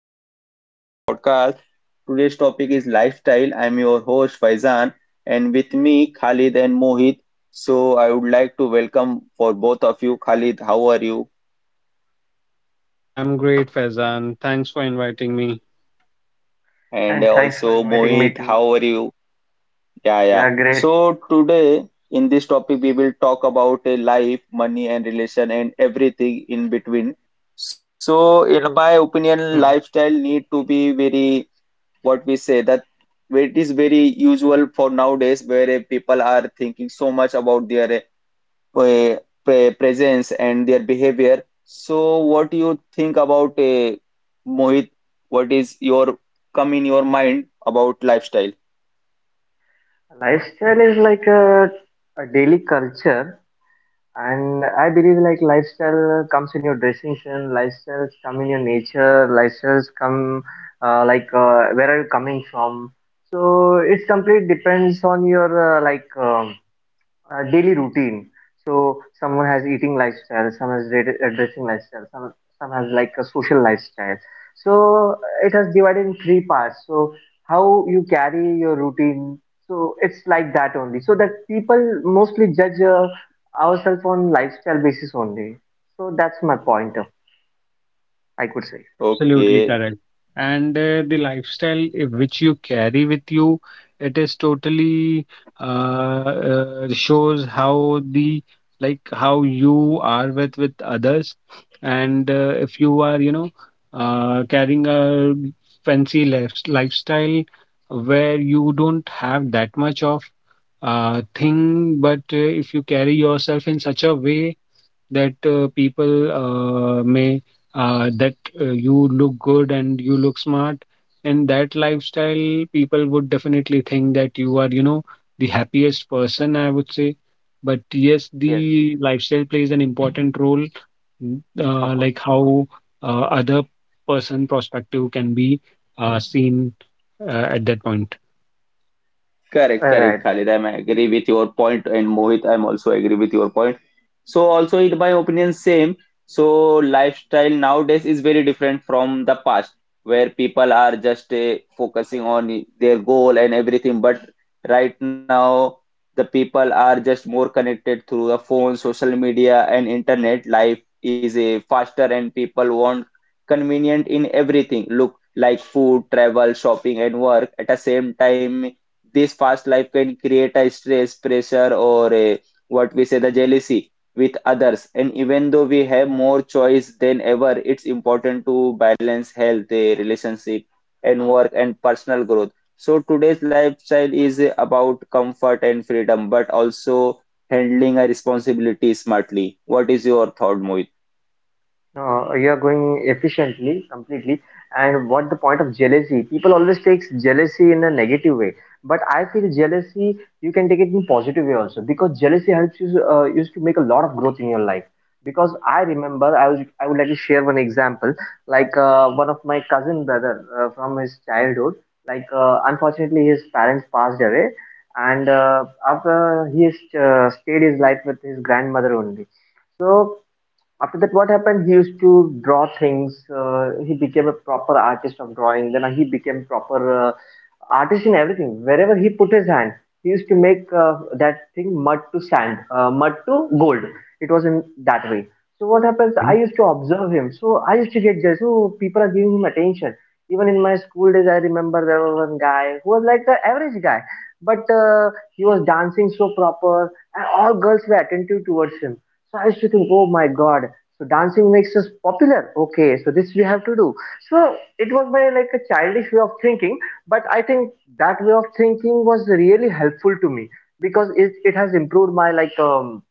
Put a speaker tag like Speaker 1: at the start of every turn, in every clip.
Speaker 1: Welcome to my podcast. Today's topic is lifestyle. I'm your host Faizan and with me Khalid and Mohit. So I would like to welcome for both of you. Khalid, how are you?
Speaker 2: I'm great, Faizan. Thanks for inviting me.
Speaker 1: And
Speaker 3: And thanks for
Speaker 1: also
Speaker 3: inviting me
Speaker 1: Mohit,
Speaker 3: to.
Speaker 1: how are you? Yeah, yeah.
Speaker 3: Yeah, great.
Speaker 1: So today in this topic we will talk about a life, money and relation and everything in between. So in my opinion,
Speaker 3: Hmm.
Speaker 1: lifestyle need to be very what we say that it is very usual for nowadays where people are thinking so much about their uh, presence and their behavior. So, what do you think about Mohit? What is your come in your mind about lifestyle?
Speaker 3: Lifestyle is like a daily culture, and I believe like lifestyle comes in your dressing sense, lifestyles come in your nature, lifestyles come like where are you coming from. So it's complete depends on your like. Daily routine. So someone has eating lifestyle, some has dressing lifestyle, some has like a social lifestyle. So it has divided in three parts. So how you carry your routine. So it's like that only. So that people mostly judge ourselves on lifestyle basis only. So that's my point of I could say.
Speaker 2: Absolutely
Speaker 1: Okay.
Speaker 2: correct. And the lifestyle which you carry with you, it is totally shows how the like how you are with others. And if you are, you know, carrying a fancy lifestyle where you don't have that much of thing, but if you carry yourself in such a way that people may that you look good and you look smart. In that lifestyle, people would definitely think that you are, you know, the happiest person, I would say. But yes,
Speaker 3: Yes,
Speaker 2: the lifestyle plays an important role.
Speaker 3: of course.
Speaker 2: Like how other person perspective can be seen at that point.
Speaker 1: Correct,
Speaker 3: Right,
Speaker 1: correct,
Speaker 3: right,
Speaker 1: Khalid. I'm
Speaker 3: right.
Speaker 1: agree with your point, and Mohit, I'm also agree with your point. So also, in my opinion, same. So lifestyle nowadays is very different from the past, where people are just focusing on their goal and everything. But right now, the people are just more connected through the phone, social media, and internet. Life is a faster, and people want convenient in everything. Look, like food, travel, shopping, and work at the same time this fast life can create a stress, pressure, or a, what we say the jealousy with others. And even though we have more choice than ever, it's important to balance health, relationship, and work and personal growth. So today's lifestyle is about comfort and freedom, but also handling a responsibility smartly. What is your thought, Mohit?
Speaker 3: You are going efficiently completely, and what the point of jealousy, people always takes jealousy in a negative way, but I feel jealousy you can take it in positive way also because jealousy helps you used to make a lot of growth in your life. Because I remember I would like to share one example. Like one of my cousin brother, from his childhood, like unfortunately his parents passed away, and after he has stayed his life with his grandmother only. So after that, what happened, he used to draw things. Uh, he became a proper artist of drawing, then he became proper artist in everything. Wherever he put his hand, he used to make that thing mud to sand, mud to gold. It was in that way. So what happens,
Speaker 2: Okay.
Speaker 3: I used to observe him, so I used to get jealous, so people are giving him attention. Even in my school days, I remember there was one guy who was like the average guy, but he was dancing so proper, and all girls were attentive towards him. So I used to think, oh my god, so dancing makes us popular. Okay, so this we have to do. So it was my like a childish way of thinking, but I think that way of thinking was really helpful to me because it has improved my like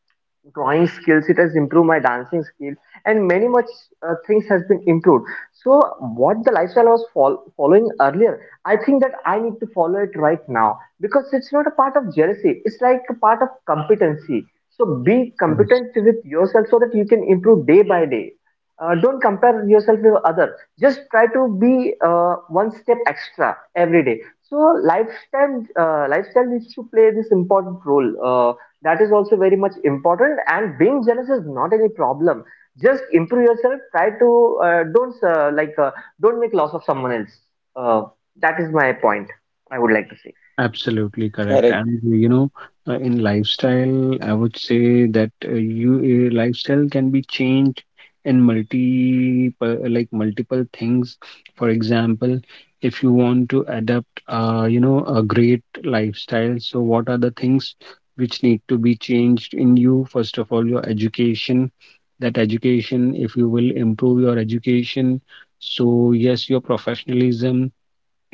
Speaker 3: drawing skills, it has improved my dancing skill, and many much things has been improved. So what the lifestyle I was following earlier, I think that I need to follow it right now because it's not a part of jealousy, it's like a part of competency. So be
Speaker 2: Yes.
Speaker 3: competent with yourself so that you can improve day by day. Don't compare yourself with others, just try to be one step extra every day. So lifestyle, lifestyle needs to play this important role. That is also very much important, and being jealous is not any problem. Just improve yourself, try to, don't like don't make loss of someone else. uh, that is my point I would like to say.
Speaker 2: Absolutely correct. And you know, in lifestyle, I would say that you lifestyle can be changed in multi like multiple things. For example, if you want to adapt, you know, a great lifestyle, so what are the things which need to be changed in you? First of all, your education. That education, if you will improve your education, so yes, your professionalism,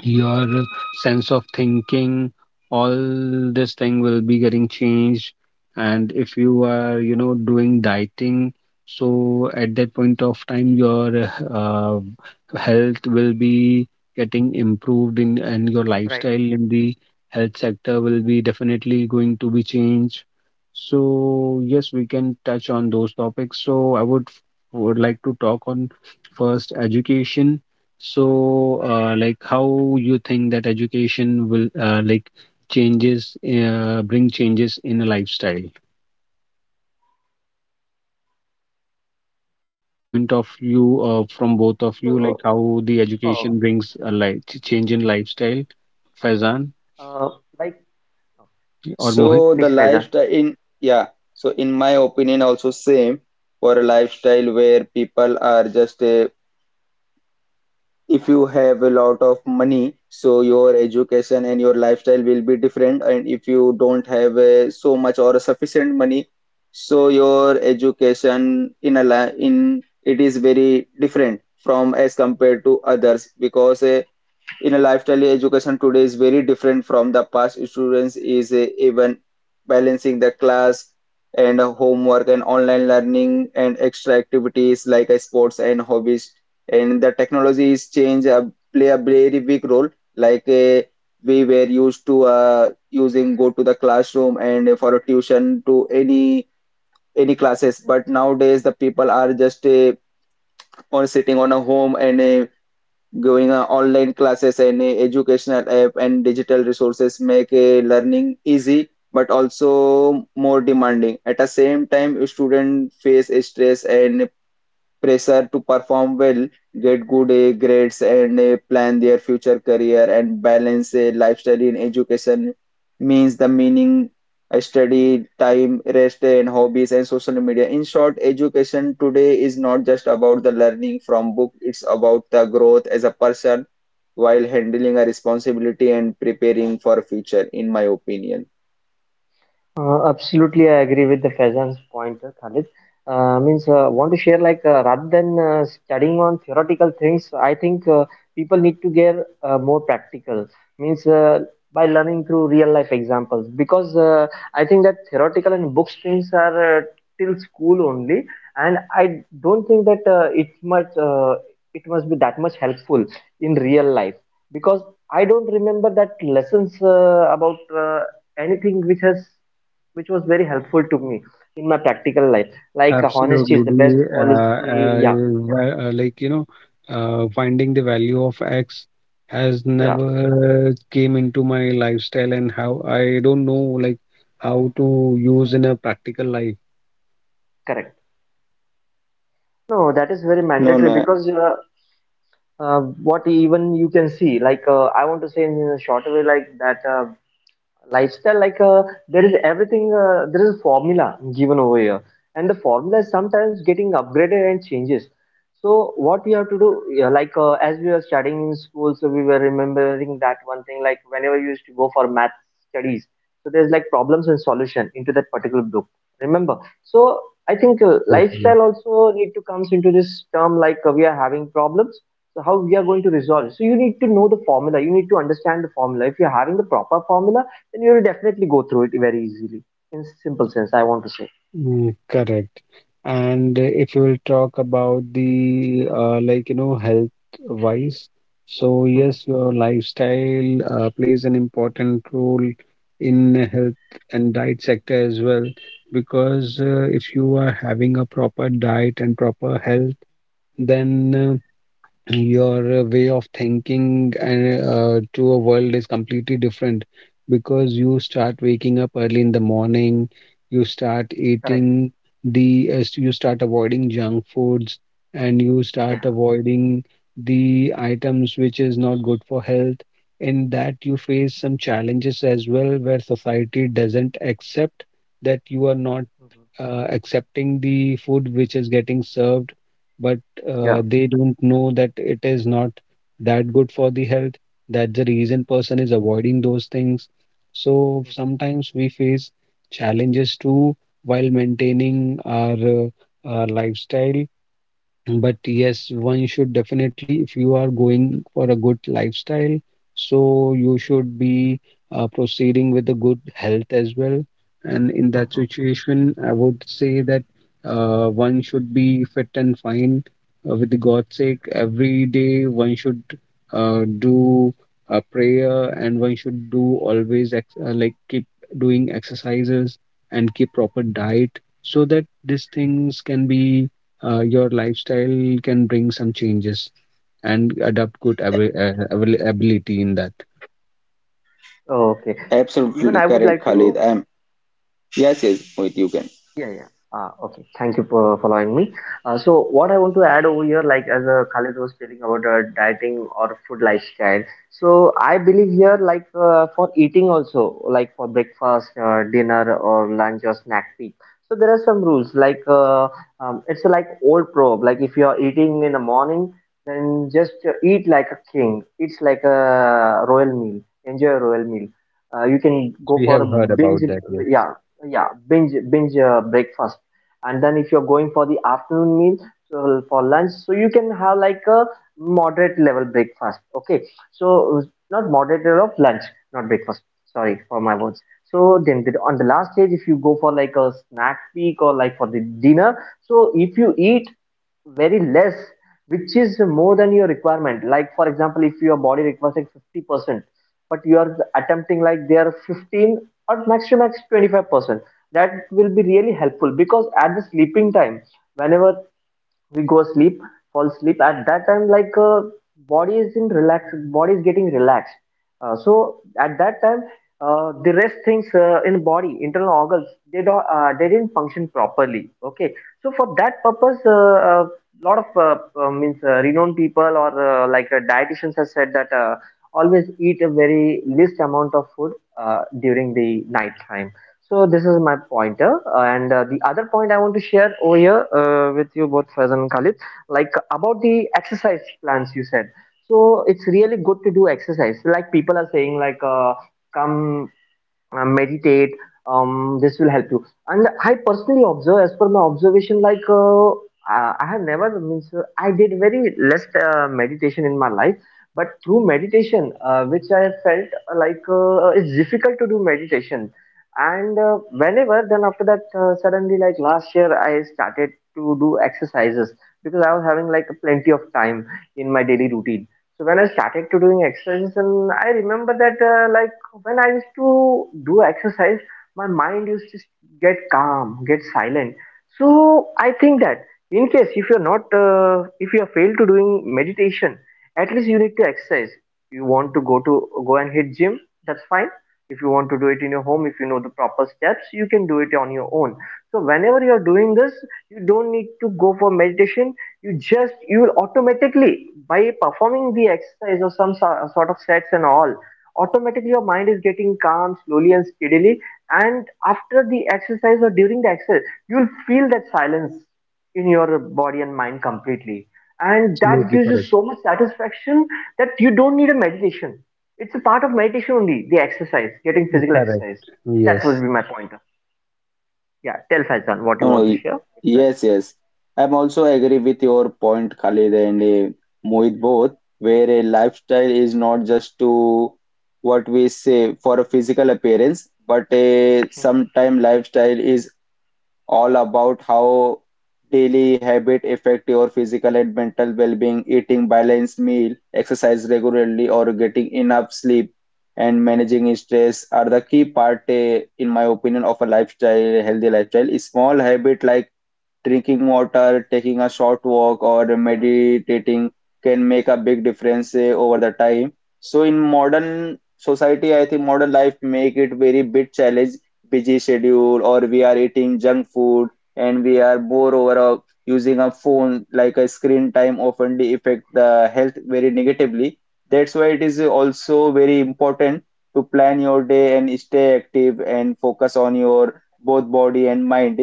Speaker 2: your sense of thinking, all this thing will be getting changed. And if you are, you know, doing dieting, so at that point of time your health will be getting improved, in and your
Speaker 3: Right.
Speaker 2: lifestyle in the health sector will be definitely going to be changed. So yes, we can touch on those topics. So I would like to talk on first education. So, like, how you think that education will like changes bring changes in a lifestyle? Any point of view from
Speaker 3: So
Speaker 2: both of you, like how
Speaker 3: uh,
Speaker 2: the education brings a life change in lifestyle, Faizan
Speaker 3: uh, like,
Speaker 2: or
Speaker 3: please,
Speaker 2: Mohit?
Speaker 1: So
Speaker 3: Faiza.
Speaker 1: the lifestyle in yeah, so in my opinion also same for a lifestyle where people are just if you have a lot of money, so your education and your lifestyle will be different. And if you don't have so much or sufficient money, so your education in a li in it is very different from as compared to others because in a lifestyle education today is very different from the past students is even balancing the class and homework and online learning and extra activities like sports and hobbies and the technology is change play a very big role like we were used to using go to the classroom and for a tuition to any classes but nowadays the people are just on sitting on a home and going online classes and educational app and digital resources make learning easy but also more demanding. At the same time, students face stress and pressure to perform well, get good grades, and plan their future career and balance a lifestyle in education means the meaning, study, time, rest, and hobbies and social media. In short, education today is not just about the learning from book; it's about the growth as a person while handling a responsibility and preparing for future. In my opinion,
Speaker 3: Absolutely, I agree with the Faizan's point, Khalid. Means want to share like, rather than studying on theoretical things, I think people need to get more practical. Means by learning through real life examples, because I think that theoretical and book streams are till school only, and I don't think that it must be that much helpful in real life because I don't remember that lessons about anything which was very helpful to me in my practical life. Like honesty
Speaker 2: Absolutely.
Speaker 3: is the best
Speaker 2: The
Speaker 3: policy. Yeah,
Speaker 2: like you know, finding the value of X has
Speaker 3: yeah,
Speaker 2: never came into my lifestyle, and how I don't know, like how to use in a practical life.
Speaker 3: correct. No, that is very
Speaker 1: no,
Speaker 3: mandatory
Speaker 1: no,
Speaker 3: because what even you can see, like I want to say in a shorter way, like that lifestyle, like there is everything, there is a formula given over here, and the formula is sometimes getting upgraded and changes. So what you have to do, yeah, like as we were studying in school, so we were remembering that one thing. Like whenever you used to go for math studies, so there's like problems and solution into that particular book, remember. So I think
Speaker 2: Absolutely. Yes.
Speaker 3: lifestyle also need to comes into this term. Like we are having problems, so how we are going to resolve it. So you need to know the formula, you need to understand the formula. If you're having the proper formula, then you'll definitely go through it very easily. In simple sense, I want to say.
Speaker 2: Mm, correct. And if you will talk about the like you know health wise, so
Speaker 3: Mhm.
Speaker 2: yes, your lifestyle plays an important role in health and diet sector as well. Because if you are having a proper diet and proper health, then your way of thinking and to a world is completely different, because you start waking up early in the morning, you start
Speaker 3: Correct.
Speaker 2: eating the as you start avoiding junk foods, and you
Speaker 3: Yeah.
Speaker 2: start
Speaker 3: Yeah.
Speaker 2: avoiding the items which is not good for health. In that, you face some challenges as well, where society doesn't accept that you are not
Speaker 3: Mhm.
Speaker 2: accepting the food which is getting served, but
Speaker 3: Yeah.
Speaker 2: they don't know that it is not that good for the health. That's the reason person is avoiding those things. So
Speaker 3: Mhm.
Speaker 2: sometimes we face challenges too while maintaining our lifestyle. But yes, one should definitely, if you are going for a good lifestyle, so you should be proceeding with a good health as well. And in that
Speaker 3: Mhm.
Speaker 2: situation, I would say that one should be fit and fine with the God's sake. Every day, one should do a prayer, and one should do always ex like keep doing exercises and keep proper diet, so that these things can be your lifestyle can bring some changes and adopt good ability in that.
Speaker 3: Okay. Even
Speaker 1: absolutely
Speaker 3: I would
Speaker 1: correct,
Speaker 3: like
Speaker 1: Khalid.
Speaker 3: to.
Speaker 1: I'm yes, yes, with you can.
Speaker 3: Yeah, yeah. Ah, okay. Thank you for following me. So what I want to add over here, like as Khalid was telling about dieting or food lifestyle. So I believe here, like for eating also, like for breakfast, dinner, or lunch or snack peak. So there are some rules. Like it's like old proverb. Like if you are eating in the morning, then just eat like a king. It's like a royal meal. Enjoy a royal meal. You can
Speaker 2: Yes,
Speaker 3: go
Speaker 2: we
Speaker 3: for a
Speaker 2: have heard
Speaker 3: binge,
Speaker 2: about that. Yes,
Speaker 3: yeah, yeah, binge breakfast. And then if you're going for the afternoon meal, so for lunch, so you can have like a moderate level breakfast. Okay, so not moderate level of lunch, not breakfast. Sorry for my words. So then on the last stage, if you go for like a snack peak or like for the dinner, so if you eat very less, which is more than your requirement. Like for example, if your body requires like 50%, but you are attempting like there 15 or maximum max 25%. That will be really helpful because at the sleeping time, whenever we go sleep, fall sleep, at that time, like body is in relax, body is getting relaxed. So at that time, the rest things in body internal organs, they don't they didn't function properly. Okay, so for that purpose, a lot of means renowned people or like dietitians have said that always eat a very least amount of food during the night time. So this is my pointer. And the other point I want to share over here with you both, Faizan and Khalid, like about the exercise plans you said. So it's really good to do exercise. Like people are saying, like come, meditate, this will help you. And I personally observe, as per my observation, like I have never means I did very less meditation in my life, but through meditation, which I felt, like it's difficult to do meditation. And whenever, then after that, suddenly, like last year, I started to do exercises because I was having like plenty of time in my daily routine. So when I started to doing exercises, and I remember that like, when I used to do exercise, my mind used to get calm, get silent. So I think that in case if you're not, if you have failed to doing meditation, at least you need to exercise. You want to go and hit gym, that's fine. If you want to do it in your home, if you know the proper steps, you can do it on your own. So whenever you are doing this, you don't need to go for meditation. You just, you will automatically by performing the exercise or some sort of sets and all, automatically your mind is getting calm slowly and steadily. And after the exercise or during the exercise, you'll feel that silence in your body and mind completely, and that
Speaker 2: absolutely
Speaker 3: gives you
Speaker 2: correct.
Speaker 3: so much satisfaction that you don't need a meditation. It's a part of meditation only, the exercise, getting physical
Speaker 2: Correct.
Speaker 3: exercise. That would
Speaker 2: Yes,
Speaker 3: be my point. Yeah, tell Faizan what you
Speaker 1: No, no,
Speaker 3: want to share, express.
Speaker 1: yes, yes. I'm also agree with your point, Khalid and Mohit both, where a lifestyle is not just to what we say for a physical appearance, but a sometime lifestyle is all about how daily habit affect your physical and mental well-being, eating balanced meal, exercise regularly, or getting enough sleep and managing stress are the key part, in my opinion, of a lifestyle, healthy lifestyle. Small habit like drinking water, taking a short walk, or meditating can make a big difference over the time. So in modern society, I think modern life make it very bit challenge, busy schedule, or we are eating junk food, and we are more over using a phone like a screen time often affect the health very negatively. That's why it is also very important to plan your day and stay active and focus on your both body and mind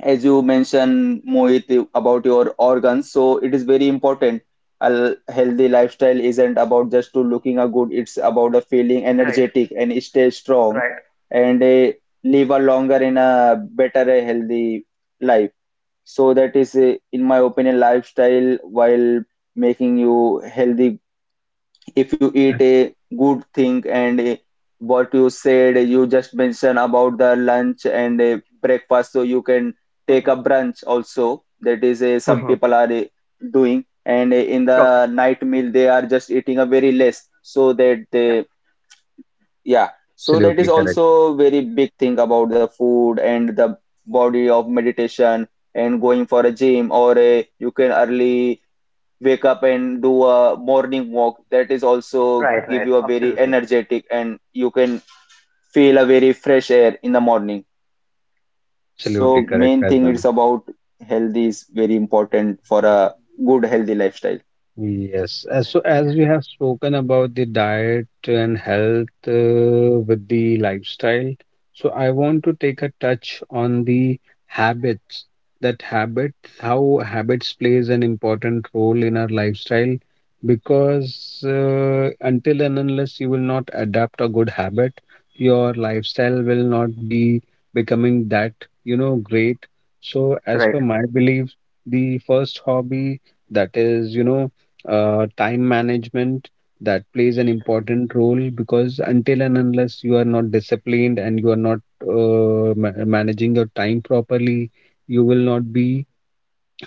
Speaker 1: as you mentioned, Mohit, about your organs, so it is very important. A healthy lifestyle isn't about just to looking a good, it's about a feeling
Speaker 3: Right,
Speaker 1: energetic and stay strong
Speaker 3: right.
Speaker 1: and live a longer and a better a healthy life. So that is, in my opinion, lifestyle while making you healthy if you eat
Speaker 2: ab-
Speaker 1: a good thing and what you said you just mentioned about the lunch and breakfast so you can take a
Speaker 3: Hmm.
Speaker 1: brunch also that is some
Speaker 3: Mhm.
Speaker 1: people are doing and in
Speaker 3: Okay.
Speaker 1: the night meal they are just eating a very less so that
Speaker 3: Yeah.
Speaker 1: they yeah so that is
Speaker 2: absolutely correct.
Speaker 1: also very big thing about the food and the body of meditation and going for a gym or you can
Speaker 3: Hmm.
Speaker 1: early wake up and do a morning walk that is also
Speaker 3: Right,
Speaker 1: give
Speaker 3: right.
Speaker 1: you a very
Speaker 3: Absolutely.
Speaker 1: energetic and you can feel a very fresh air in the morning so
Speaker 2: Absolutely
Speaker 3: Completely.
Speaker 1: main
Speaker 2: correct,
Speaker 1: thing it's
Speaker 2: Faizan.
Speaker 1: about health is very important for a good healthy lifestyle
Speaker 2: Yes, as so
Speaker 3: Right,
Speaker 2: as we have spoken about the diet and health with the lifestyle, so I want to take a touch on the habits that habits, how habits plays an important role in our lifestyle. Because until and unless you will not adapt a good habit, your lifestyle will not be becoming that, you know, great. So
Speaker 3: right,
Speaker 2: as
Speaker 3: right.
Speaker 2: per my belief, the first hobby, that is, you know, time management, that plays an important role. Because until and unless you are not disciplined and you are not managing your time properly, you will not be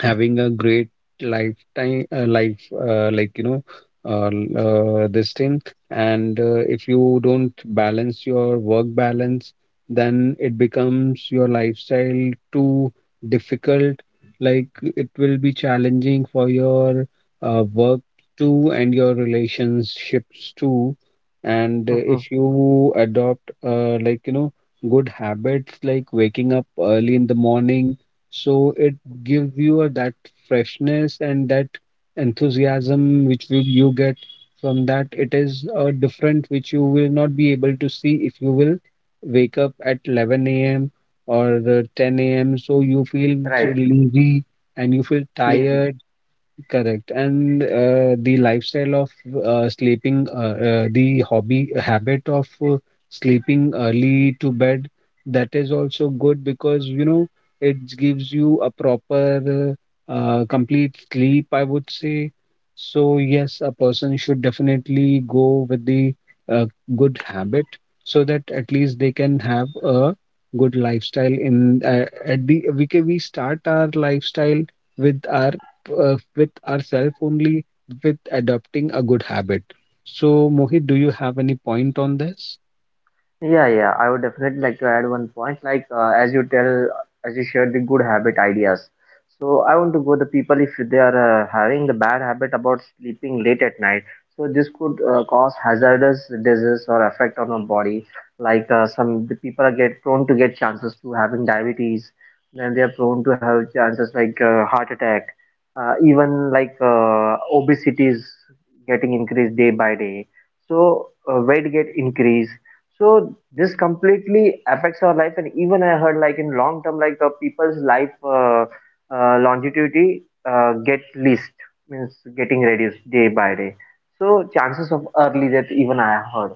Speaker 2: having a great life, uh, like you know uh, l- this thing. And if you
Speaker 3: Right.
Speaker 2: don't balance your work balance, then it becomes your lifestyle too difficult. Like, it will be challenging for your work too and your relationships too. And
Speaker 3: Hmm.
Speaker 2: if you adopt, like you know, good habits like waking up early in the morning, so it gives you a, that freshness and that enthusiasm which you get from that. It is a different which you will not be able to see if you will wake up at 11 a.m. or 10 a.m. So you feel
Speaker 3: Right,
Speaker 2: lazy, and you feel
Speaker 3: lazy.
Speaker 2: tired. Correct. And the lifestyle of sleeping, the hobby habit of sleeping early to bed, that is also good because, you know, it gives you a proper, complete sleep, I would say. So, yes, a person should definitely go with the uh, good habit so that at least they can have a good lifestyle. In At the, we can, we start our lifestyle with our, with ourselves only, with adopting a good habit. So, Mohit, do you have any point on this?
Speaker 3: Yeah, yeah. I would definitely like to add one point. Like as you tell, as you shared the good habit ideas. So I want to go the people if they are having the bad habit about sleeping late at night. So this could cause hazardous disease or effect on our body. Like some the people are get prone to get chances to having diabetes. Then they are prone to have chances like heart attack, even like obesity is getting increased day by day. So weight get increased. So this completely affects our life, and even I heard like in long term, like people's life longevity get least, means getting reduced day by day. So chances of early death even I heard.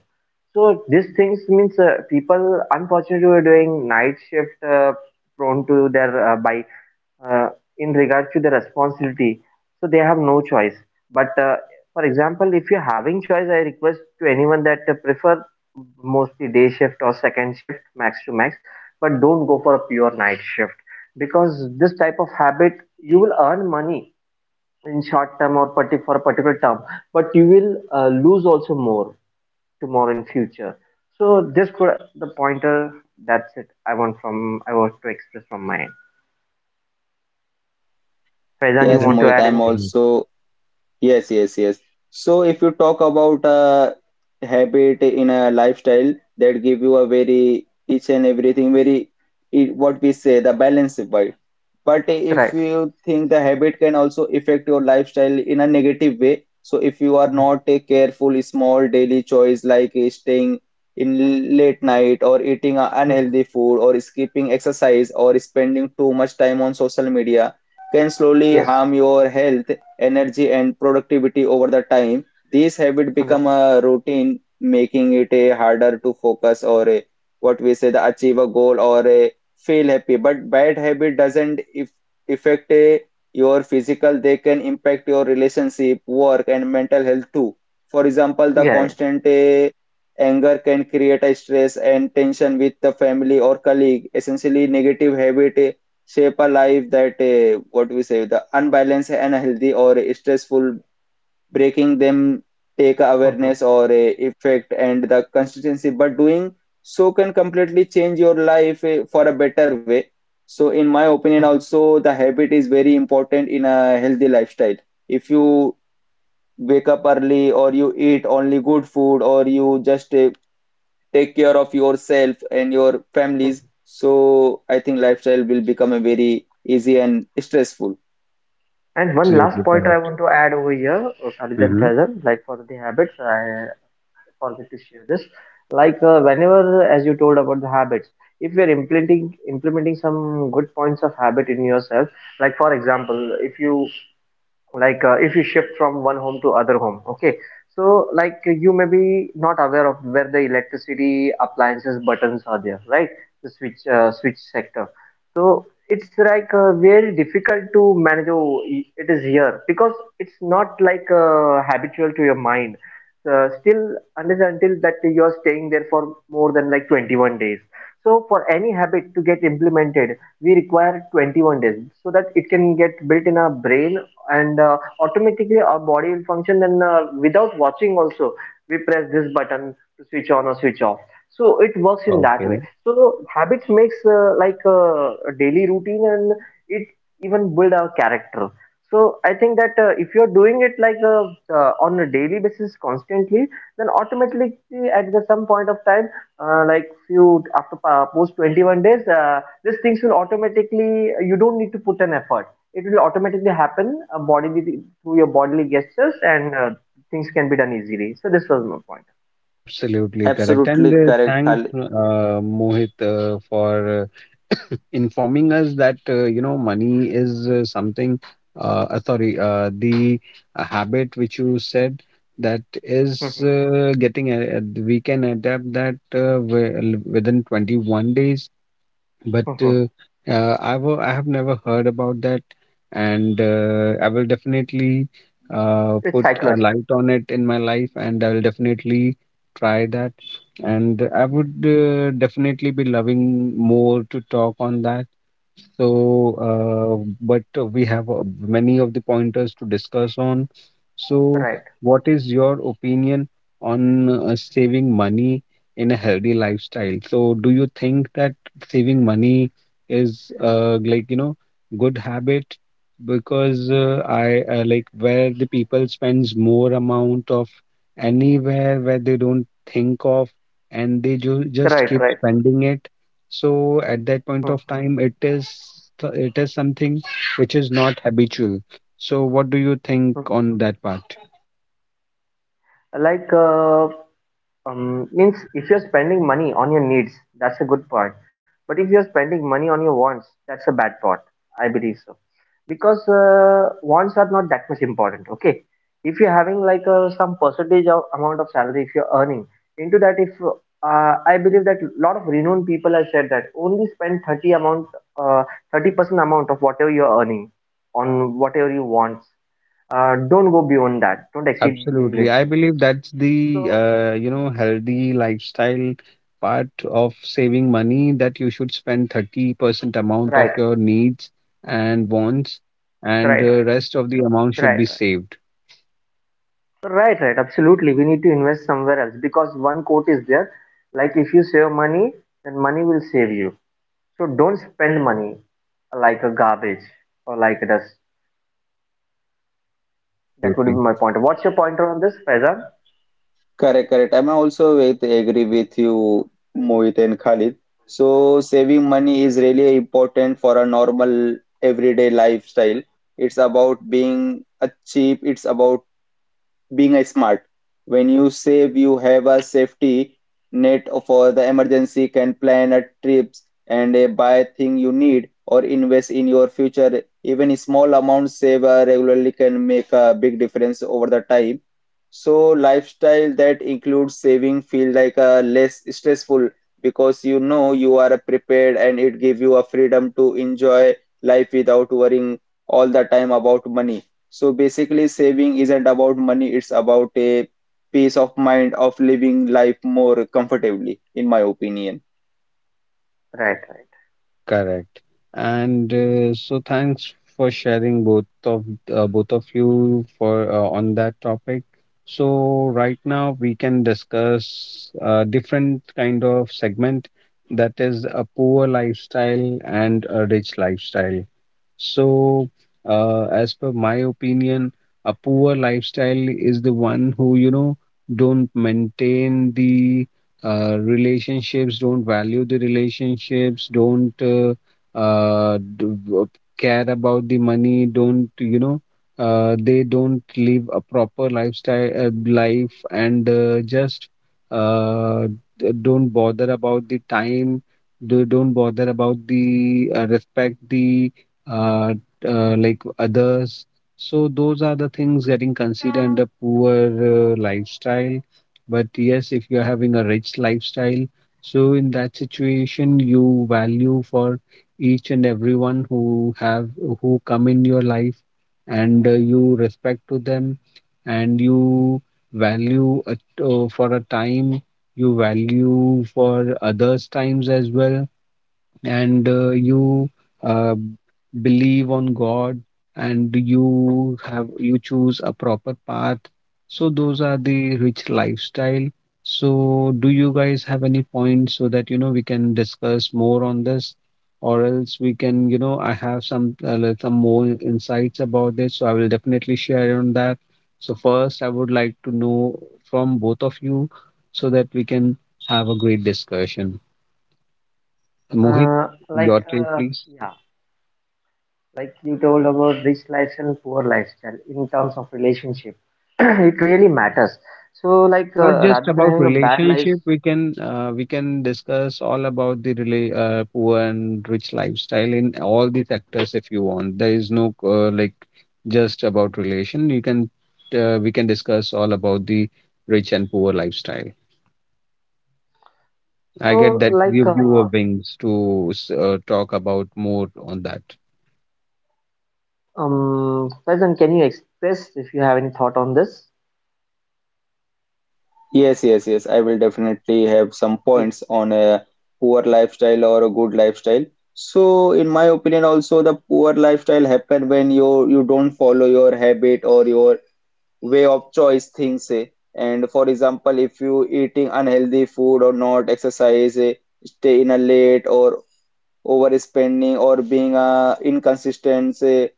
Speaker 3: So these things means people unfortunately were doing night shift prone to their by uh, in regard to the responsibility, so they have no choice but for example, if you're having choice, I request to anyone that prefer mostly day shift or second shift, max to max, but don't go for a pure night shift, because this type of habit, you will earn money in short term or for a particular term, but you will lose also more tomorrow in future. So this could the pointer, that's it I want to express from my end. Faizan, you
Speaker 1: yes
Speaker 3: want
Speaker 2: That's
Speaker 3: to
Speaker 1: Mohit
Speaker 3: add
Speaker 1: I'm
Speaker 2: really
Speaker 3: anything?
Speaker 2: good.
Speaker 1: also yes, yes, yes. So if you talk about a habit in a lifestyle that give you a very each and everything very it, what we say the balanced bite. But if
Speaker 3: Right.
Speaker 1: you think the habit can also affect your lifestyle in a negative way, so if you are
Speaker 3: Mhm,
Speaker 1: not a careful small daily choice like staying in late night or eating a
Speaker 3: mhm.
Speaker 1: unhealthy food or skipping exercise or spending too much time on social media can slowly
Speaker 3: Yes,
Speaker 1: harm your health energy and productivity over the time. These habits
Speaker 3: 100%.
Speaker 1: become a routine, making it a harder to focus or a, what we say the achieve a goal or a feel happy. But bad habit doesn't if, affect a, your physical; they can impact your relationship, work, and mental health too. For example, the
Speaker 3: Yeah, yeah.
Speaker 1: constant anger can create a stress and tension with the family or colleague. Essentially, negative habit. Shape a life that what we say the unbalanced and healthy or stressful breaking them take
Speaker 3: Mhm,
Speaker 1: awareness or a effect and the consistency but doing so can completely change your life for a better way so in my opinion
Speaker 3: mhm,
Speaker 1: also the habit is very important in a healthy lifestyle if you wake up early or you eat only good food or you just take care of yourself and your families.
Speaker 3: mhm.
Speaker 1: So I think lifestyle will become a very easy and stressful.
Speaker 3: And one
Speaker 2: Absolutely
Speaker 3: last point I
Speaker 2: correct.
Speaker 3: want to add over here, Khalid and
Speaker 2: Hmm.
Speaker 3: Faizan, like for the habits, I forget to share this. Like whenever, as you told about the habits, if you're implementing some good points of habit in yourself, like for example, if you if you shift from one home to other home, okay, so like you may be not aware of where the electricity appliances buttons are there, right, the switch switch sector. So it's
Speaker 2: Correct.
Speaker 3: like very difficult to manage, oh, it is here, because it's not like habitual to your mind still, unless and until that you're staying there for more than like 21 days. So for any habit to get implemented, we require 21 days, so that it can get built in our brain, and automatically our body will function, and without watching also, we press this button to switch on or switch off. So it works in that way.
Speaker 2: Okay.
Speaker 3: So habits makes a daily routine, and it even build our character. So I think that if you're doing it on a daily basis constantly, then automatically at the some point of time, like few after post 21 days, these things will automatically, you don't need to put an effort, it will automatically happen, bodily, through your bodily gestures, and things can be done easily. So this was my point.
Speaker 2: Absolutely correct. And
Speaker 1: Absolutely correct,
Speaker 2: thanks,
Speaker 1: Khalid.
Speaker 2: Mohit, for informing us that, you know, money is something. Uh, Sorry, the habit which you said, that is
Speaker 3: Mhm,
Speaker 2: getting a, we can adapt that within 21 days. But
Speaker 3: mhm.
Speaker 2: I have never heard about that, and I will definitely
Speaker 3: It's
Speaker 2: put a
Speaker 3: psychology.
Speaker 2: light on it in my life, and I will definitely try that, and I would
Speaker 3: Yeah.
Speaker 2: definitely be loving more to talk on that. So,
Speaker 3: Mhm.
Speaker 2: but we have many of the pointers to discuss on. So,
Speaker 3: Right,
Speaker 2: what is your opinion on saving money in a healthy lifestyle? So, do you think that saving money is, like, you know, good habit? Because I like where the people spends more amount of anywhere where they don't think of, and they ju
Speaker 3: right,
Speaker 2: just keep
Speaker 3: right.
Speaker 2: spending it. So at that point of
Speaker 3: Mhm,
Speaker 2: time, it is it is something which is not habitual. So what do you think
Speaker 3: mhm.
Speaker 2: on that part?
Speaker 3: Like means if you're spending money on your needs, that's a good part, but if you're spending money on your wants, that's a bad part. I believe so, because wants are not that much important, okay. If you're having like some percentage of amount of salary, if you're earning into that, if I believe that lot of renowned people have said that only spend 30 amount, uh, 30% amount of whatever you're earning on whatever you want. Don't go beyond that, don't exceed limits.
Speaker 2: Absolutely. I believe
Speaker 3: So
Speaker 2: that's the, you know, healthy lifestyle part of saving money, that you should spend
Speaker 3: right,
Speaker 2: 30% amount of your needs and wants,
Speaker 3: right, right,
Speaker 2: and the rest of the
Speaker 3: right, right.
Speaker 2: amount should be saved.
Speaker 3: So, right, right, absolutely, we need to invest somewhere else, because one quote is there, like if you save money, then money will save you. So don't spend money like a garbage or like a dust. That would be
Speaker 2: Absolutely.
Speaker 3: my pointer. What's your pointer on this, Faizan?
Speaker 1: Correct, correct. I'm also with agree with you, Mohit and Khalid. So saving money is really important for a normal everyday lifestyle. It's about being a cheap. It's about being a smart. When you save, you have a safety net for the emergency, can plan a trips and a buy thing you need or invest in your future. Even small amounts saved regularly can make a big difference over the time. So lifestyle that includes saving feel like a less stressful because you know you are prepared and it gives you a freedom to enjoy life without worrying all the time about money. So basically, saving isn't about money, it's about a peace of mind of living life more comfortably, in my opinion.
Speaker 3: Right, right.
Speaker 2: Correct. And so thanks for sharing, both of you, for on that topic. So right now we can discuss a different kind of segment, that is a poor lifestyle and a rich lifestyle. So, as per my opinion, a poor lifestyle is the one who, you know, don't maintain the relationships, don't value the relationships, don't uh, d- w- care about the money, don't, you know, they don't live a proper life, and just uh, don't bother about the time. They don't bother about the respect the uh, like others. So those are the things getting considered under poor lifestyle. But yes, if you're having a rich lifestyle, so in that situation, you value for each and everyone who have who come in your life, and you respect to them, and you value at, for a time, you value for others times as well. And you uh, believe on God, and you choose a proper path. So those are the rich lifestyle. So do you guys have any points so that, you know, we can discuss more on this, or else we can, you know, I have some, like, some more insights about this, so I will definitely share on that. So first, I would like to know from both of you so that we can have a great discussion. Mohit,
Speaker 3: Like
Speaker 2: your take, please.
Speaker 3: yeah, like you told about rich lifestyle and poor lifestyle in terms of relationship, it really matters. So like
Speaker 2: Not just
Speaker 3: rather than
Speaker 2: about
Speaker 3: having a bad life,
Speaker 2: relationship, we can, we can discuss all about the poor and rich lifestyle in all the sectors if you want. There is no, like, just about relation. You can, we can discuss all about the rich and poor lifestyle. I get
Speaker 3: so
Speaker 2: that,
Speaker 3: like
Speaker 2: give you a wings to talk about more on that.
Speaker 3: Faizan, can you express if you have any thought on this,
Speaker 1: Yes, yes, yes. I will definitely have some points
Speaker 3: please?
Speaker 1: on a poor lifestyle or a good lifestyle. So, in my opinion, also the poor lifestyle happen when you don't follow your habit or your way of choice things. Say. And for example, if you eating unhealthy food or not exercise, stay in a late or overspending or being inconsistent, say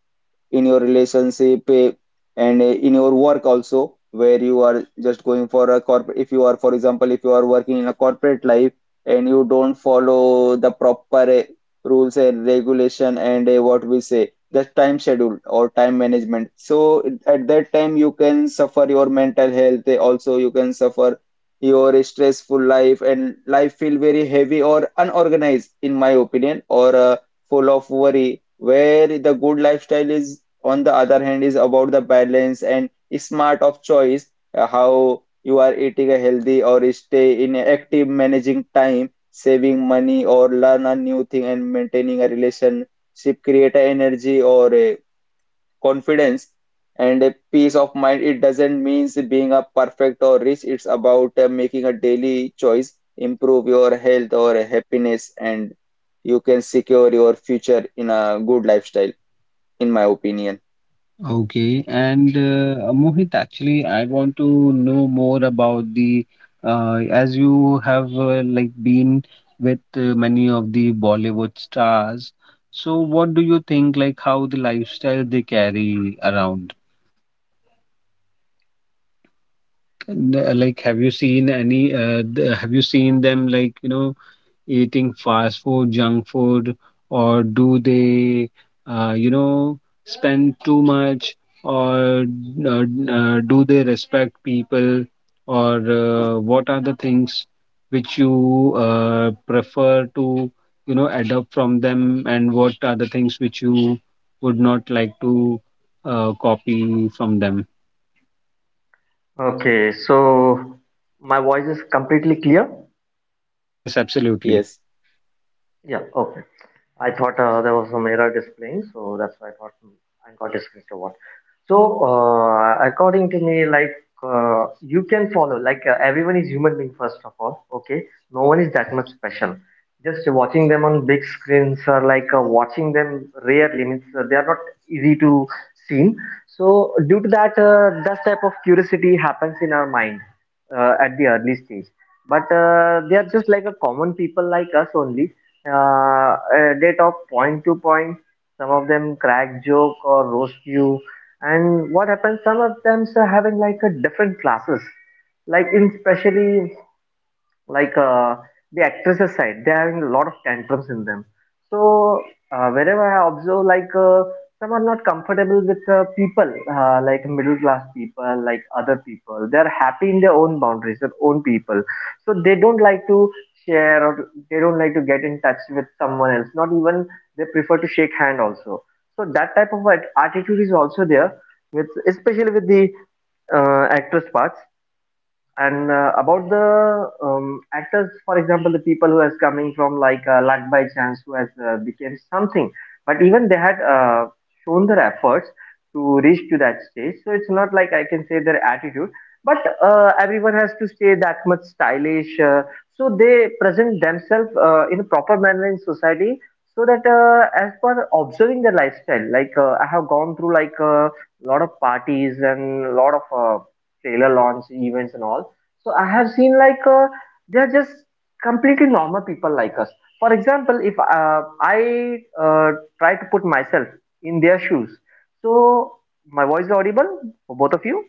Speaker 1: in your relationship and in your work also where you are just going for a corporate if you are for example if you are working in a corporate life and you don't follow the proper rules and regulation and what we say the time schedule or time management so at that time you can suffer your mental health also you can suffer your stressful life and life feel very heavy or unorganized in my opinion or full of worry where the good lifestyle is on the other hand is about the balance and smart of choice how you are eating a healthy or stay in a active managing time saving money or learn a new thing and maintaining a relationship create a energy or a confidence and a peace of mind it doesn't mean being a perfect or rich it's about making a daily choice improve your health or happiness and you can secure your future in a good lifestyle in my opinion
Speaker 2: Okay, and Mohit, actually, I want to know more about the, as you have, like, been with many of the Bollywood stars. So, what do you think, like how the lifestyle they carry around? And, like, have you seen any? Have you seen them, like, eating fast food, junk food, or do they, uh, you know, spend too much, or uh, do they respect people, or what are the things which you prefer to, adopt from them, and what are the things which you would not like to copy from them? Yes, absolutely.
Speaker 1: yes
Speaker 2: Correct.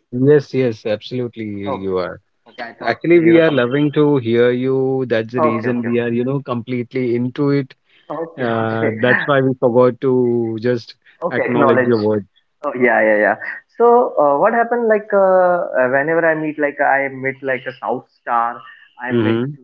Speaker 2: Yes, yes, absolutely. You are Actually, we are loving to hear you. That's the reason we are, completely into it. That's why we forgot to just acknowledge your words. Hmm.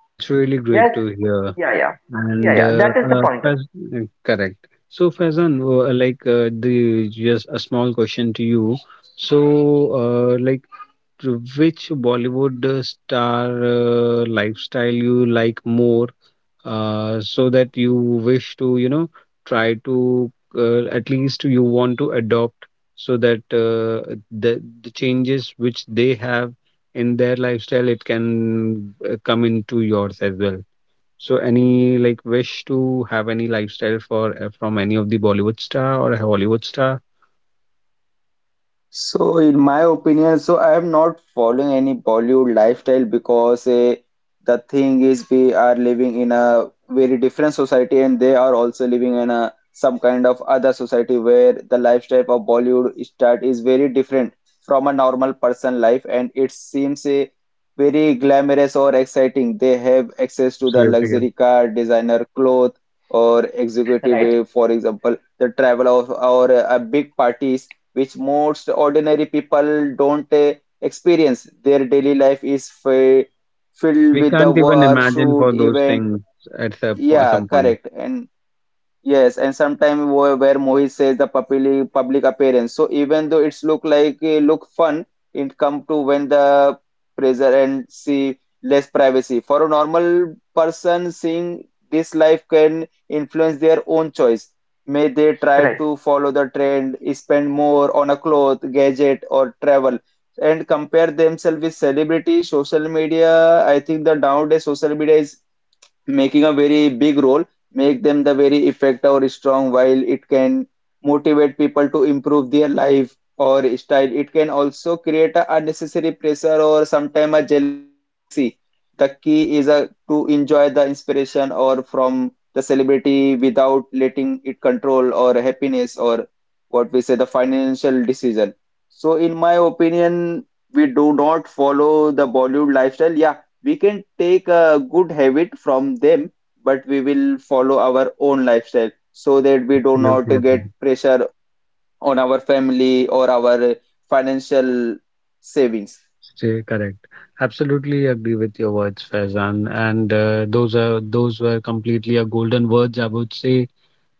Speaker 2: That's really great to hear. And correct. So, Faizan, like the just a small question to you. So, uh, like, to which Bollywood star lifestyle you like more? So that you wish to, try to, at least you want to adopt, so that the changes which they have in their lifestyle, it can come into yours as well. So any, like, wish to have any lifestyle for from any of the Bollywood star or a Hollywood star?
Speaker 1: so, in my opinion, so I am not following any Bollywood lifestyle because the thing is we are living in a very different society and they are also living in a some kind of other society where the lifestyle of Bollywood start is very different from a normal person life and it seems very glamorous or exciting. They have access to the
Speaker 2: Absolutely, yes.
Speaker 1: luxury car, designer clothes or executive, for example, the travel of or big parties which most ordinary people don't experience. Their daily life is filled
Speaker 2: We
Speaker 1: with the
Speaker 2: can't even
Speaker 1: work,
Speaker 2: imagine
Speaker 1: shoot,
Speaker 2: for those
Speaker 1: event.
Speaker 2: things at at
Speaker 1: Yeah,
Speaker 2: some point.
Speaker 1: correct. And yes, and sometimes where Mohit says the public appearance. So even though it's look like look fun, it come to when the presidency less privacy. For a normal person, seeing this life can influence their own choice. May they try to follow the trend, spend more on a cloth, gadget, or travel, and compare themselves with celebrity, social media. I think the nowadays social media is making a very big role, make them the very effective or strong. While it can motivate people to improve their life or style, it can also create a unnecessary pressure or sometimes a jealousy. The key is a, to enjoy the inspiration or from the celebrity without letting it control or happiness or what we say the financial decision. So in my opinion, we do not follow the Bollywood lifestyle. Yeah, we can take a good habit from them, but we will follow our own lifestyle so that we do not
Speaker 2: Absolutely
Speaker 1: get
Speaker 2: agree.
Speaker 1: pressure on our family or our financial savings.
Speaker 2: Stay correct. Absolutely agree with your words, Faizan. And those were completely a golden words, I would say,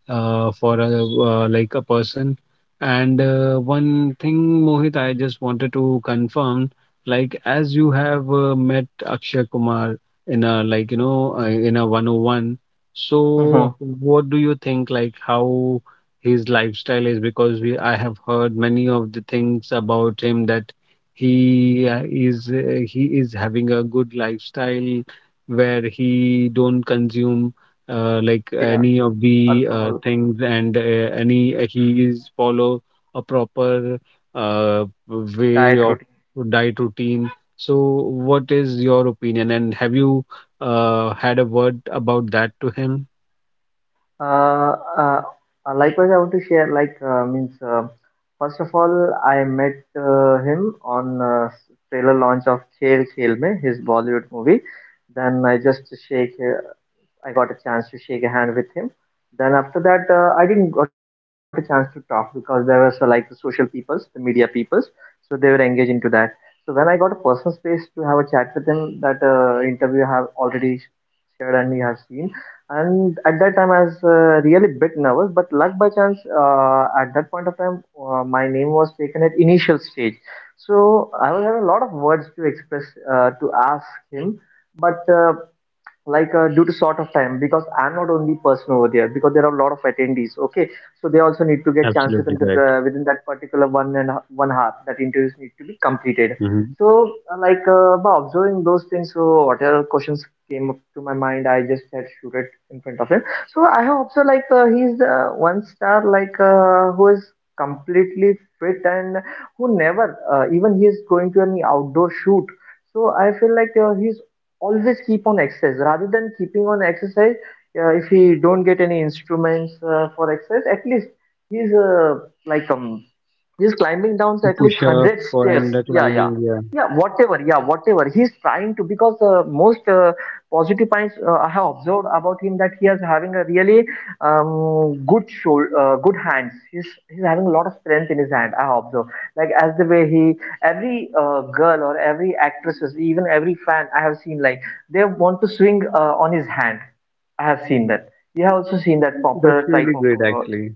Speaker 2: for a person. And one thing, Mohit, I just wanted to confirm, like, as you have met Akshay Kumar in a 101, so what do you think, like, how his lifestyle is? Because we I have heard many of the things about him, that he is having a good lifestyle, where he don't consume, any of the things, and any he is follow a proper way of diet routine. So what is your opinion, and have you had a word about that to him? Absolutely correct. Hmm. He's doing push up and climbing. Yeah, that's really great, actually.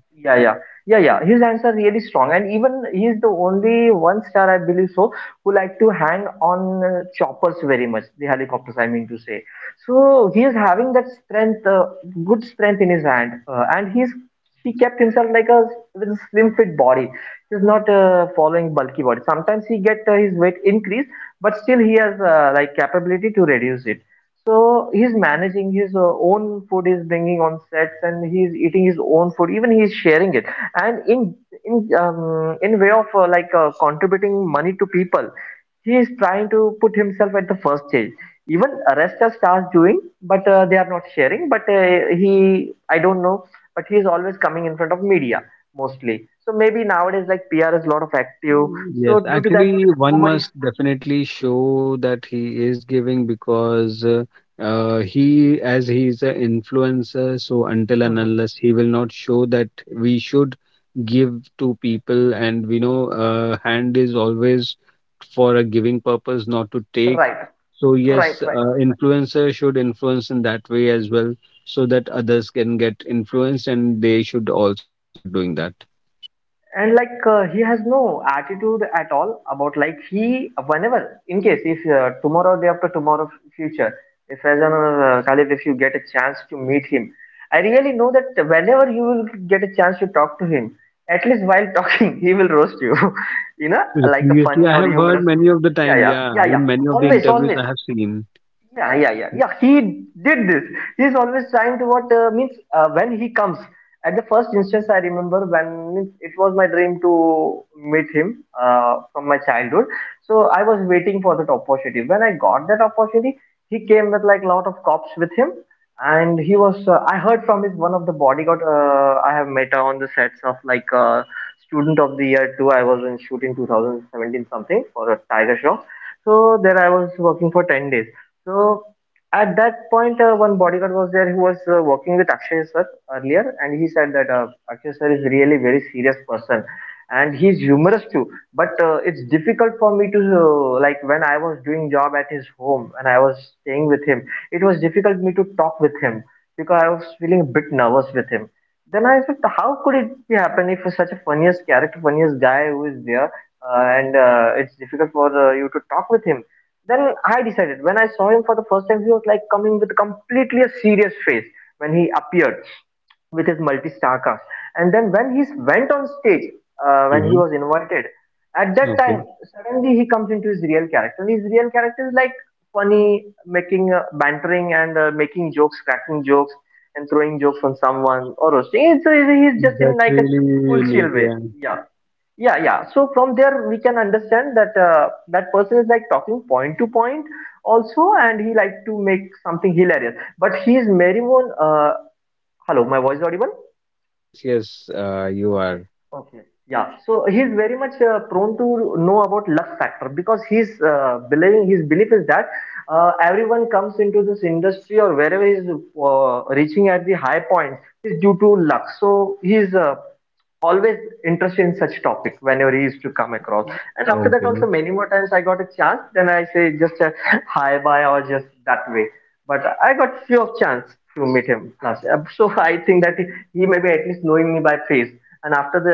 Speaker 2: Mm, yes, actually, one must definitely show that he is giving, because he, as he is an influencer, so until and unless he will not show that we should give to people. And we know, hand is always for a giving purpose, not to take. So yes, influencer should influence in that way as well, so that others can get influenced, and they should also start doing that. Previously, I have heard many of the time. Yeah, in many of the interviews I have seen. Hmm. Okay, that's really unique. Yeah. Yes, yes, you are. Okay.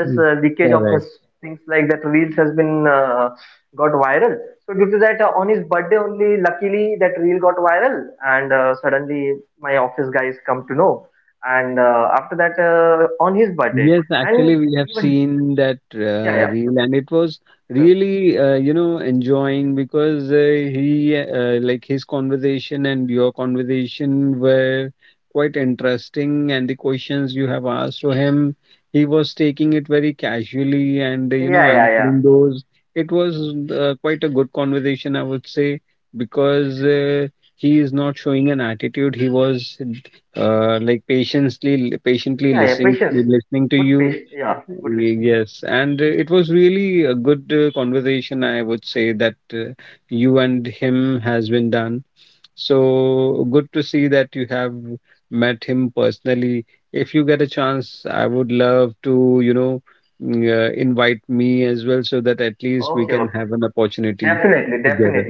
Speaker 2: Mm, correct. Yes, actually, we have seen that reel, and it was really, enjoying, because he, like his conversation and your conversation were quite interesting, and the questions you have asked to him, he was taking it very casually and, answering those. It was quite a good conversation, I would say, because he is not showing an attitude. He was patiently listening to you. Yes, and it was really a good conversation, I would say, that you and him has been done. So good to see that you have met him personally. If you get a chance, I would love to, invite me as well, so that at least we can have an opportunity together.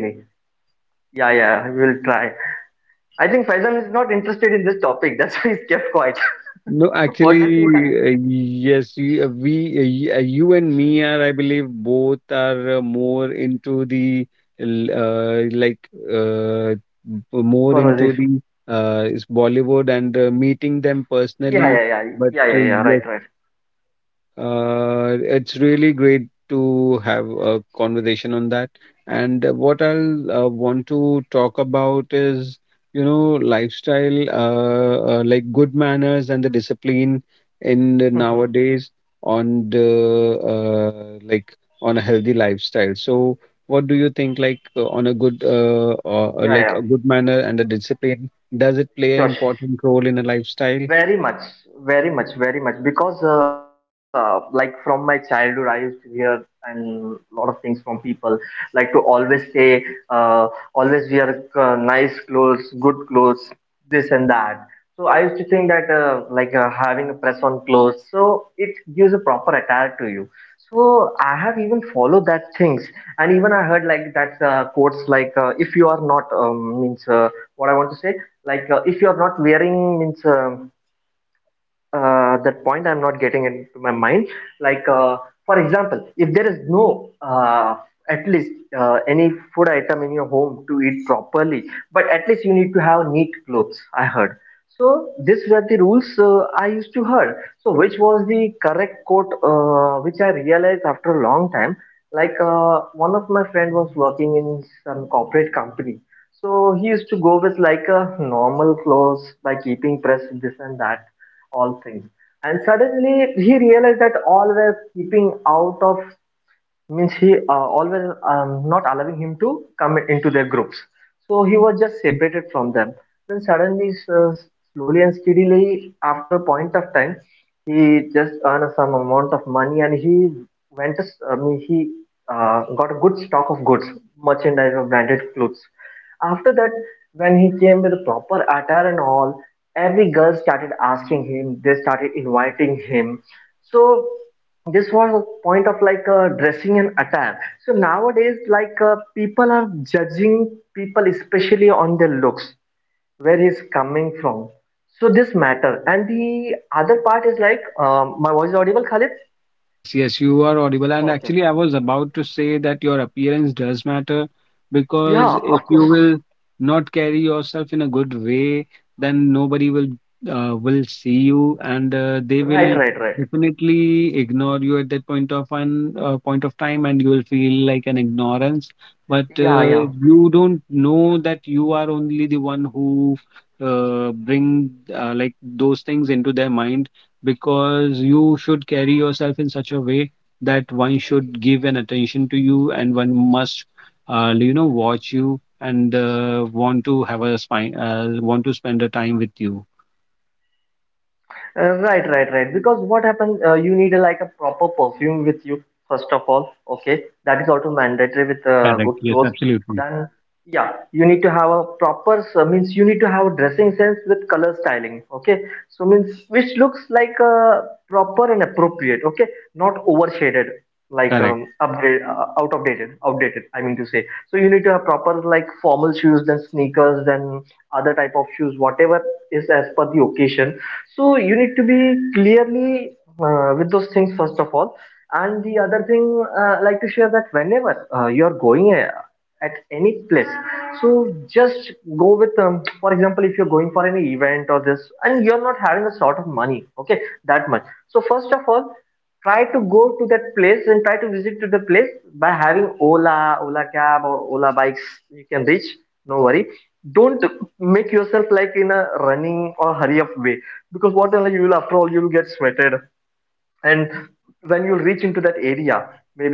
Speaker 2: No, actually, yes, you and me are, I believe, both are more into the, l- uh, like, uh, more into the, is Bollywood, and meeting them personally. But yes, it's really great to have a conversation on that. And what I'll want to talk about is, lifestyle, good manners and the discipline in the nowadays, on the like on a healthy lifestyle. So, what do you think, like, on a good, or, a good manner and a discipline, does it play an important role in a lifestyle? Okay. Yes, yes, you are audible. And actually, I was about to say that your appearance does matter, because if you will not carry yourself in a good way, then nobody will see you, and they will definitely ignore you at that point of time, and you will feel like an ignorance. But you don't know that you are only the one who bring, those things into their mind, because you should carry yourself in such a way that one should give an attention to you, and one must, watch you, and want to spend a time with you. Correct, yes, absolutely. Correct.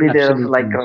Speaker 2: Absolutely.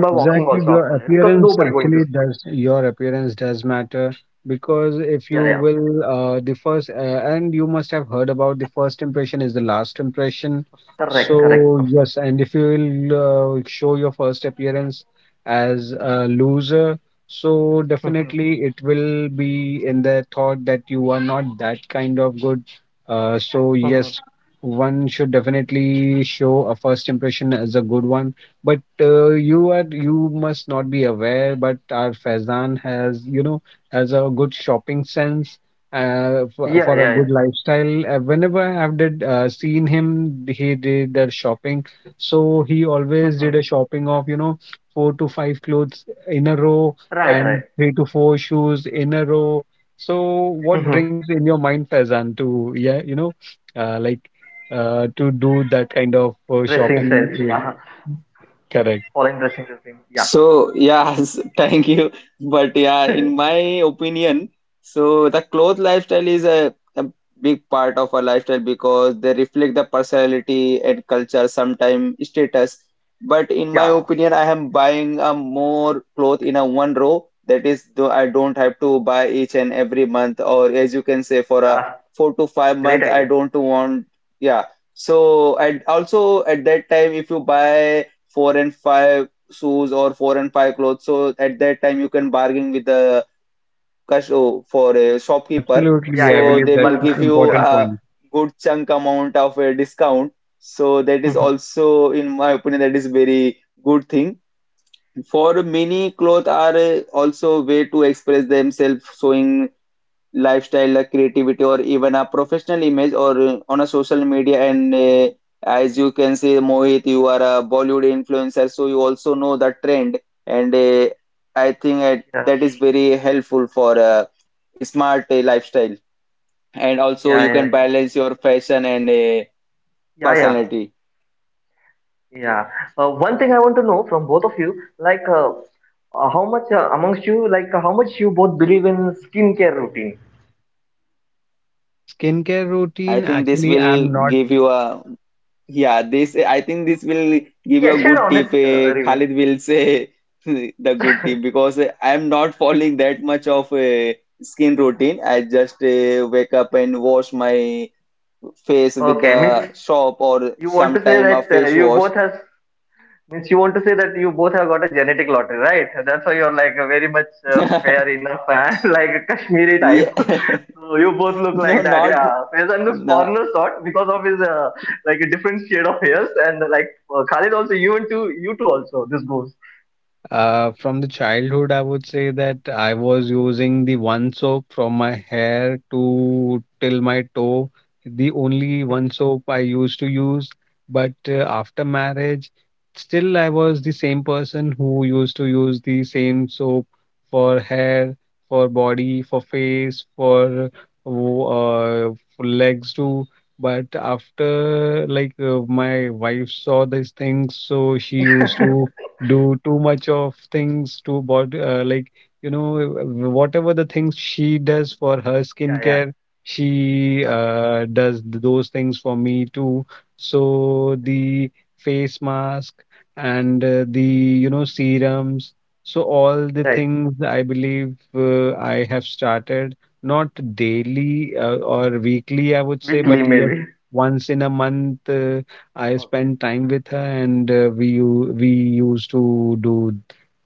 Speaker 2: Exactly, your appearance does matter, because if you will, the first, and you must have heard about the first impression is the last impression. So, yes, and if you will show your first appearance as a loser, so definitely it will be in the thought that you are not that kind of good. So, yes, one should definitely show a first impression as a good one. But you must not be aware, but our Faizan has a good shopping sense, for a good lifestyle. Whenever I have did seen him, he did that shopping. So he always did a shopping of, four to five clothes in a row, and three to four shoes in a row. So what brings in your mind, Faizan, to, yeah, uh, like to do that kind of shopping? Correct.
Speaker 1: So yes, thank you. But yeah, in my opinion, so the clothes lifestyle is a big part of our lifestyle because they reflect the personality and culture, sometimes status. But in my opinion, I am buying a more clothes in a one row. That is, though I don't have to buy each and every month, or as you can say, for a 4 to 5 month, I don't want. Yeah. So and also at that time, if you buy four and five shoes or four and five clothes. So at that time you can bargain with the for a shopkeeper.
Speaker 2: Absolutely, I
Speaker 1: So
Speaker 2: believe
Speaker 1: they
Speaker 2: that's
Speaker 1: will
Speaker 2: an
Speaker 1: give you
Speaker 2: important
Speaker 1: a
Speaker 2: point.
Speaker 1: good chunk amount of a discount. So that is also, in my opinion, that is very good thing. For many clothes are also way to express themselves, showing lifestyle, a creativity, or even a professional image or on a social media. And as you can see, Mohit, you are a Bollywood influencer, so you also know the trend. And I think that is very helpful for smart lifestyle. And also, you can balance your fashion and personality.
Speaker 2: Skincare
Speaker 1: I
Speaker 2: routine,
Speaker 1: think this
Speaker 2: actually,
Speaker 1: will
Speaker 2: I'm not.
Speaker 1: give you a yeah, this I think this will give you a good tip. Khalid will say the good tip because I am not following that much of a skin routine. I just wake up and wash my face with the soap or sometime a face wash. Yeah, no, not no.
Speaker 2: From the childhood, I would say that I was using the one soap from my hair to till my toe, the only one soap I used to use. But after marriage, still I was the same person who used to use the same soap for hair, for body, for face, for legs too. But after, like, my wife saw these things, so she used to do too much of things to body, like, whatever the things she does for her skincare, she does those things for me too. So the face mask and the, serums. So all the things I believe, I have started, not daily or weekly, I would say, but yes, once in a month. I spent time with her, and we used to do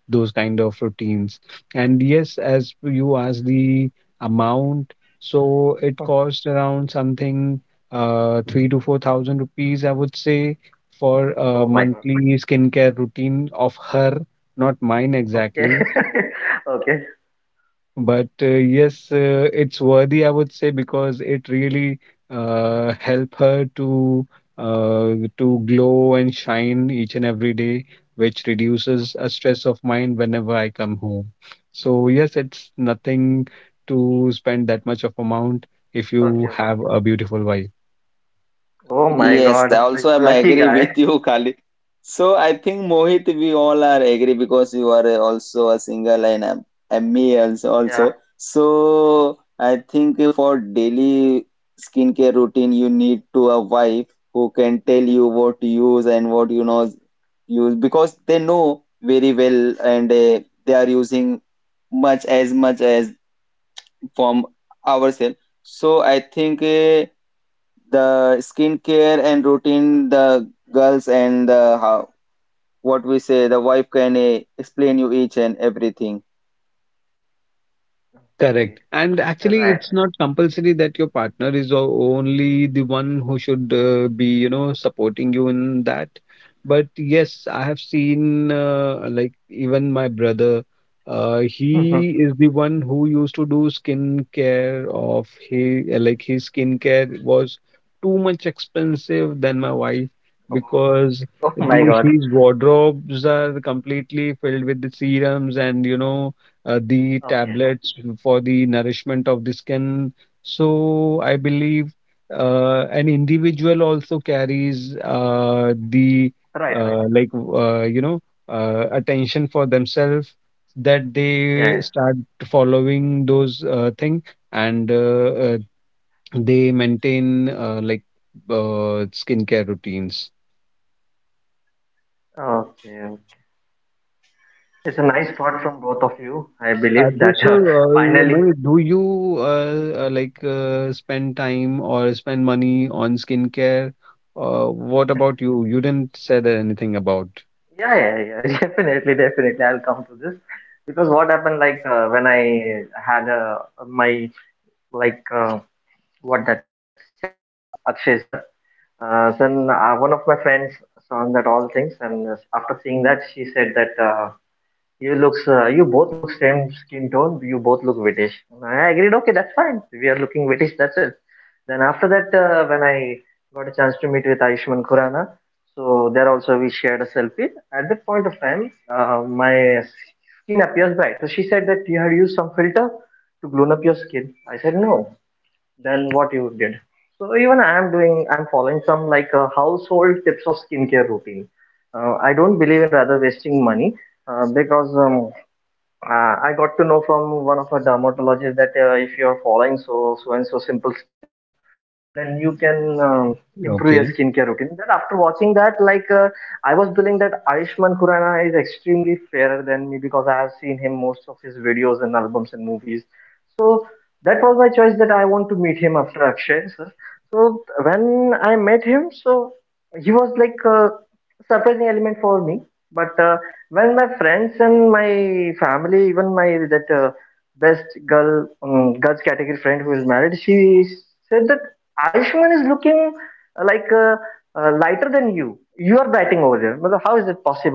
Speaker 2: those kind of routines. And yes, as you asked the amount, so it cost around something, three to four thousand rupees, I would say, for a monthly skincare routine of her, not mine exactly. But yes, it's worthy, I would say, because it really help her to glow and shine each and every day, which reduces a stress of mine whenever I come home. So yes, it's nothing to spend that much of amount if you have a beautiful wife.
Speaker 1: Yes, I also am agree with you, Khalid. So I think Mohit, we all are agree because you are also a single and me also. So I think for daily skincare routine, you need to a wife who can tell you what to use and what you know use because they know very well and they are using much as from ourselves. So I think. The skincare and routine the girls and the how what we say the wife can explain you each and everything
Speaker 2: Correct. And actually, it's not compulsory that your partner is only the one who should be, supporting you in that. But yes, I have seen, like, even my brother, he is the one who used to do skin care of he, like, his skin care was too much expensive than my wife, because the his wardrobes are completely filled with the serums, and, the tablets for the nourishment of the skin. So I believe, an individual also carries, the like you know attention for themselves, that they start following those thing, and they maintain, skincare routines. Mohit, do you spend time or spend money on skincare? Uh, what about you? You didn't say that anything about. Okay.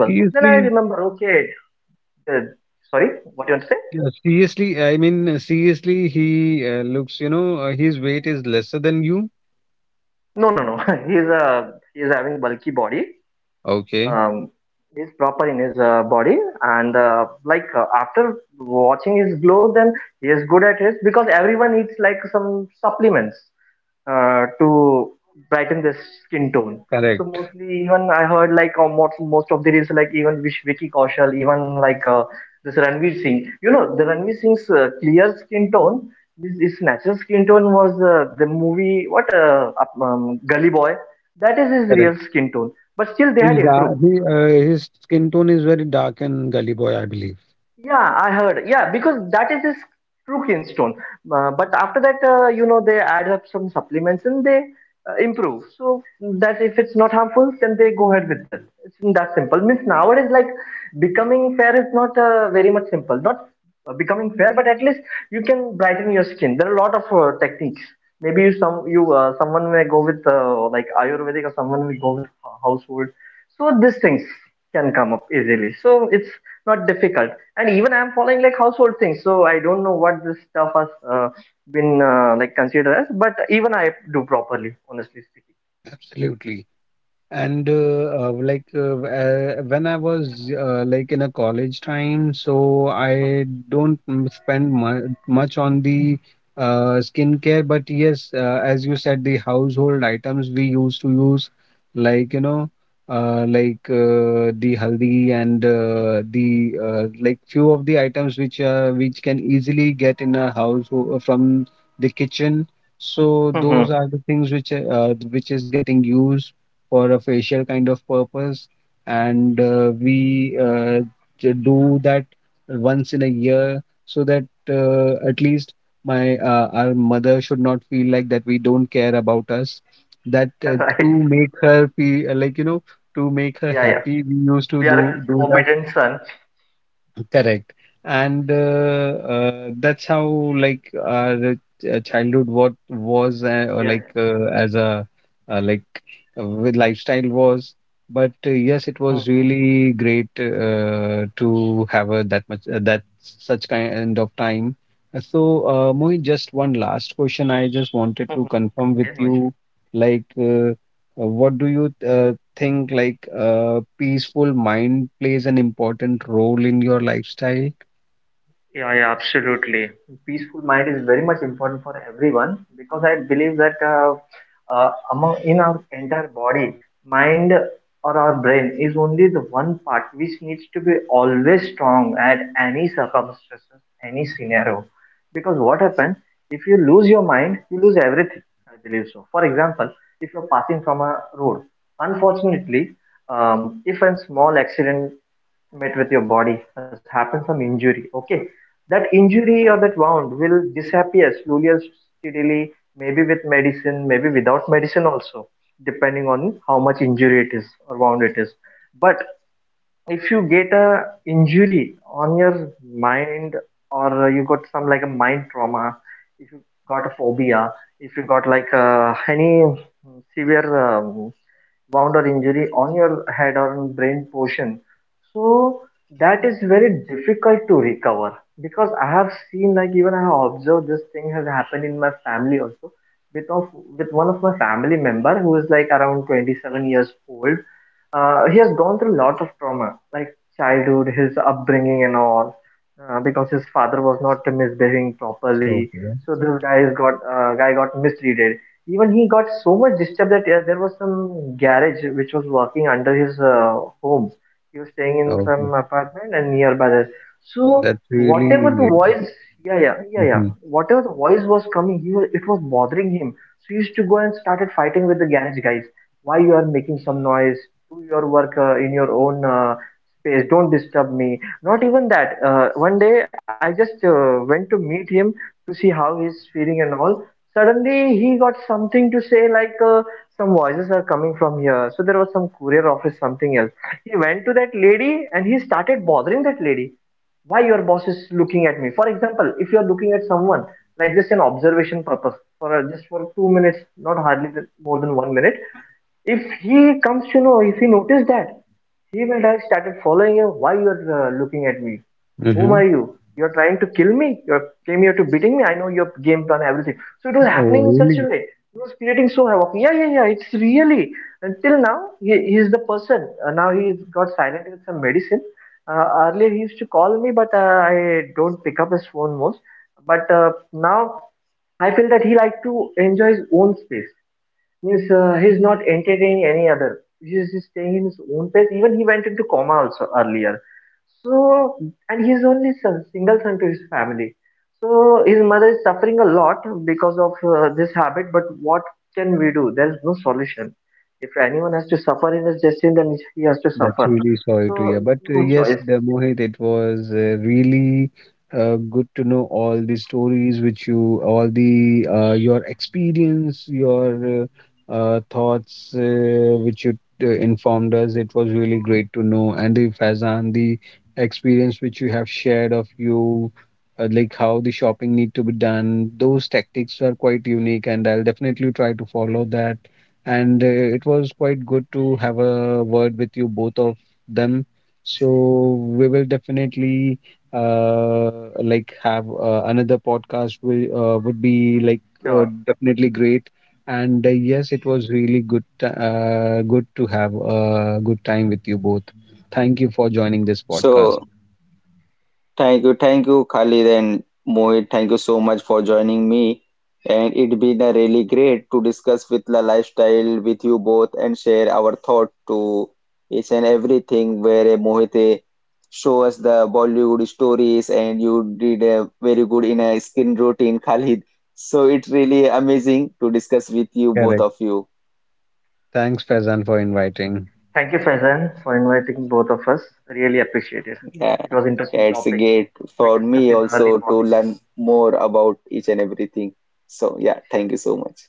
Speaker 2: Seriously, yeah, seriously. I mean, seriously, he looks. His weight is lesser than you. Okay. Correct. Correct. His skin tone is very dark, and gully boy, I believe. Absolutely. And when I was, in a college time, so I don't spend mu much on the skincare. But yes, as you said, the household items we used to use, like, the haldi, and the, few of the items which can easily get in a house, from the kitchen. So those are the things which is getting used for a facial kind of purpose, and we do that once in a year, so that at least my our mother should not feel like that we don't care about us. That, to make her feel, to make her happy, we used to do that. Correct. And that's how, like, our childhood what was, or, as a, uh, like with lifestyle was. But yes, it was really great to have, that such kind of time. Mohit, just one last question. I just wanted to confirm with you, like, what do you think, like, a peaceful mind plays an important role in your lifestyle? Okay, okay. That's really. Mm-hmm. Mm-hmm. Oh, really? That's really sorry to hear. But yes, the Mohit, it was really good to know all the stories, all the your experience, your thoughts which you informed us. It was really great to know, and the Faizan, the experience which you have shared of you. Like how the shopping need to be done, those tactics are quite unique, and I'll definitely try to follow that. And it was quite good to have a word with you, both of them. So we will definitely, uh, have, another podcast will would be, like, definitely great. And yes, it was really good to have a good time with you both. Thank you for joining this podcast.
Speaker 1: so thank you, thank you, Khalid and Mohit. Thank you so much for joining me. And it has been a really great to discuss with the lifestyle with you both and share our thought to each and everything where Mohit show us the Bollywood stories and you did a very good in a skin routine, Khalid. So it's really amazing to discuss with you both
Speaker 2: Correct.
Speaker 1: of you.
Speaker 2: Thanks, Faizan, for inviting.
Speaker 1: Yeah, yeah, it's a great for me also to learn more about each and everything. So yeah, thank you so much.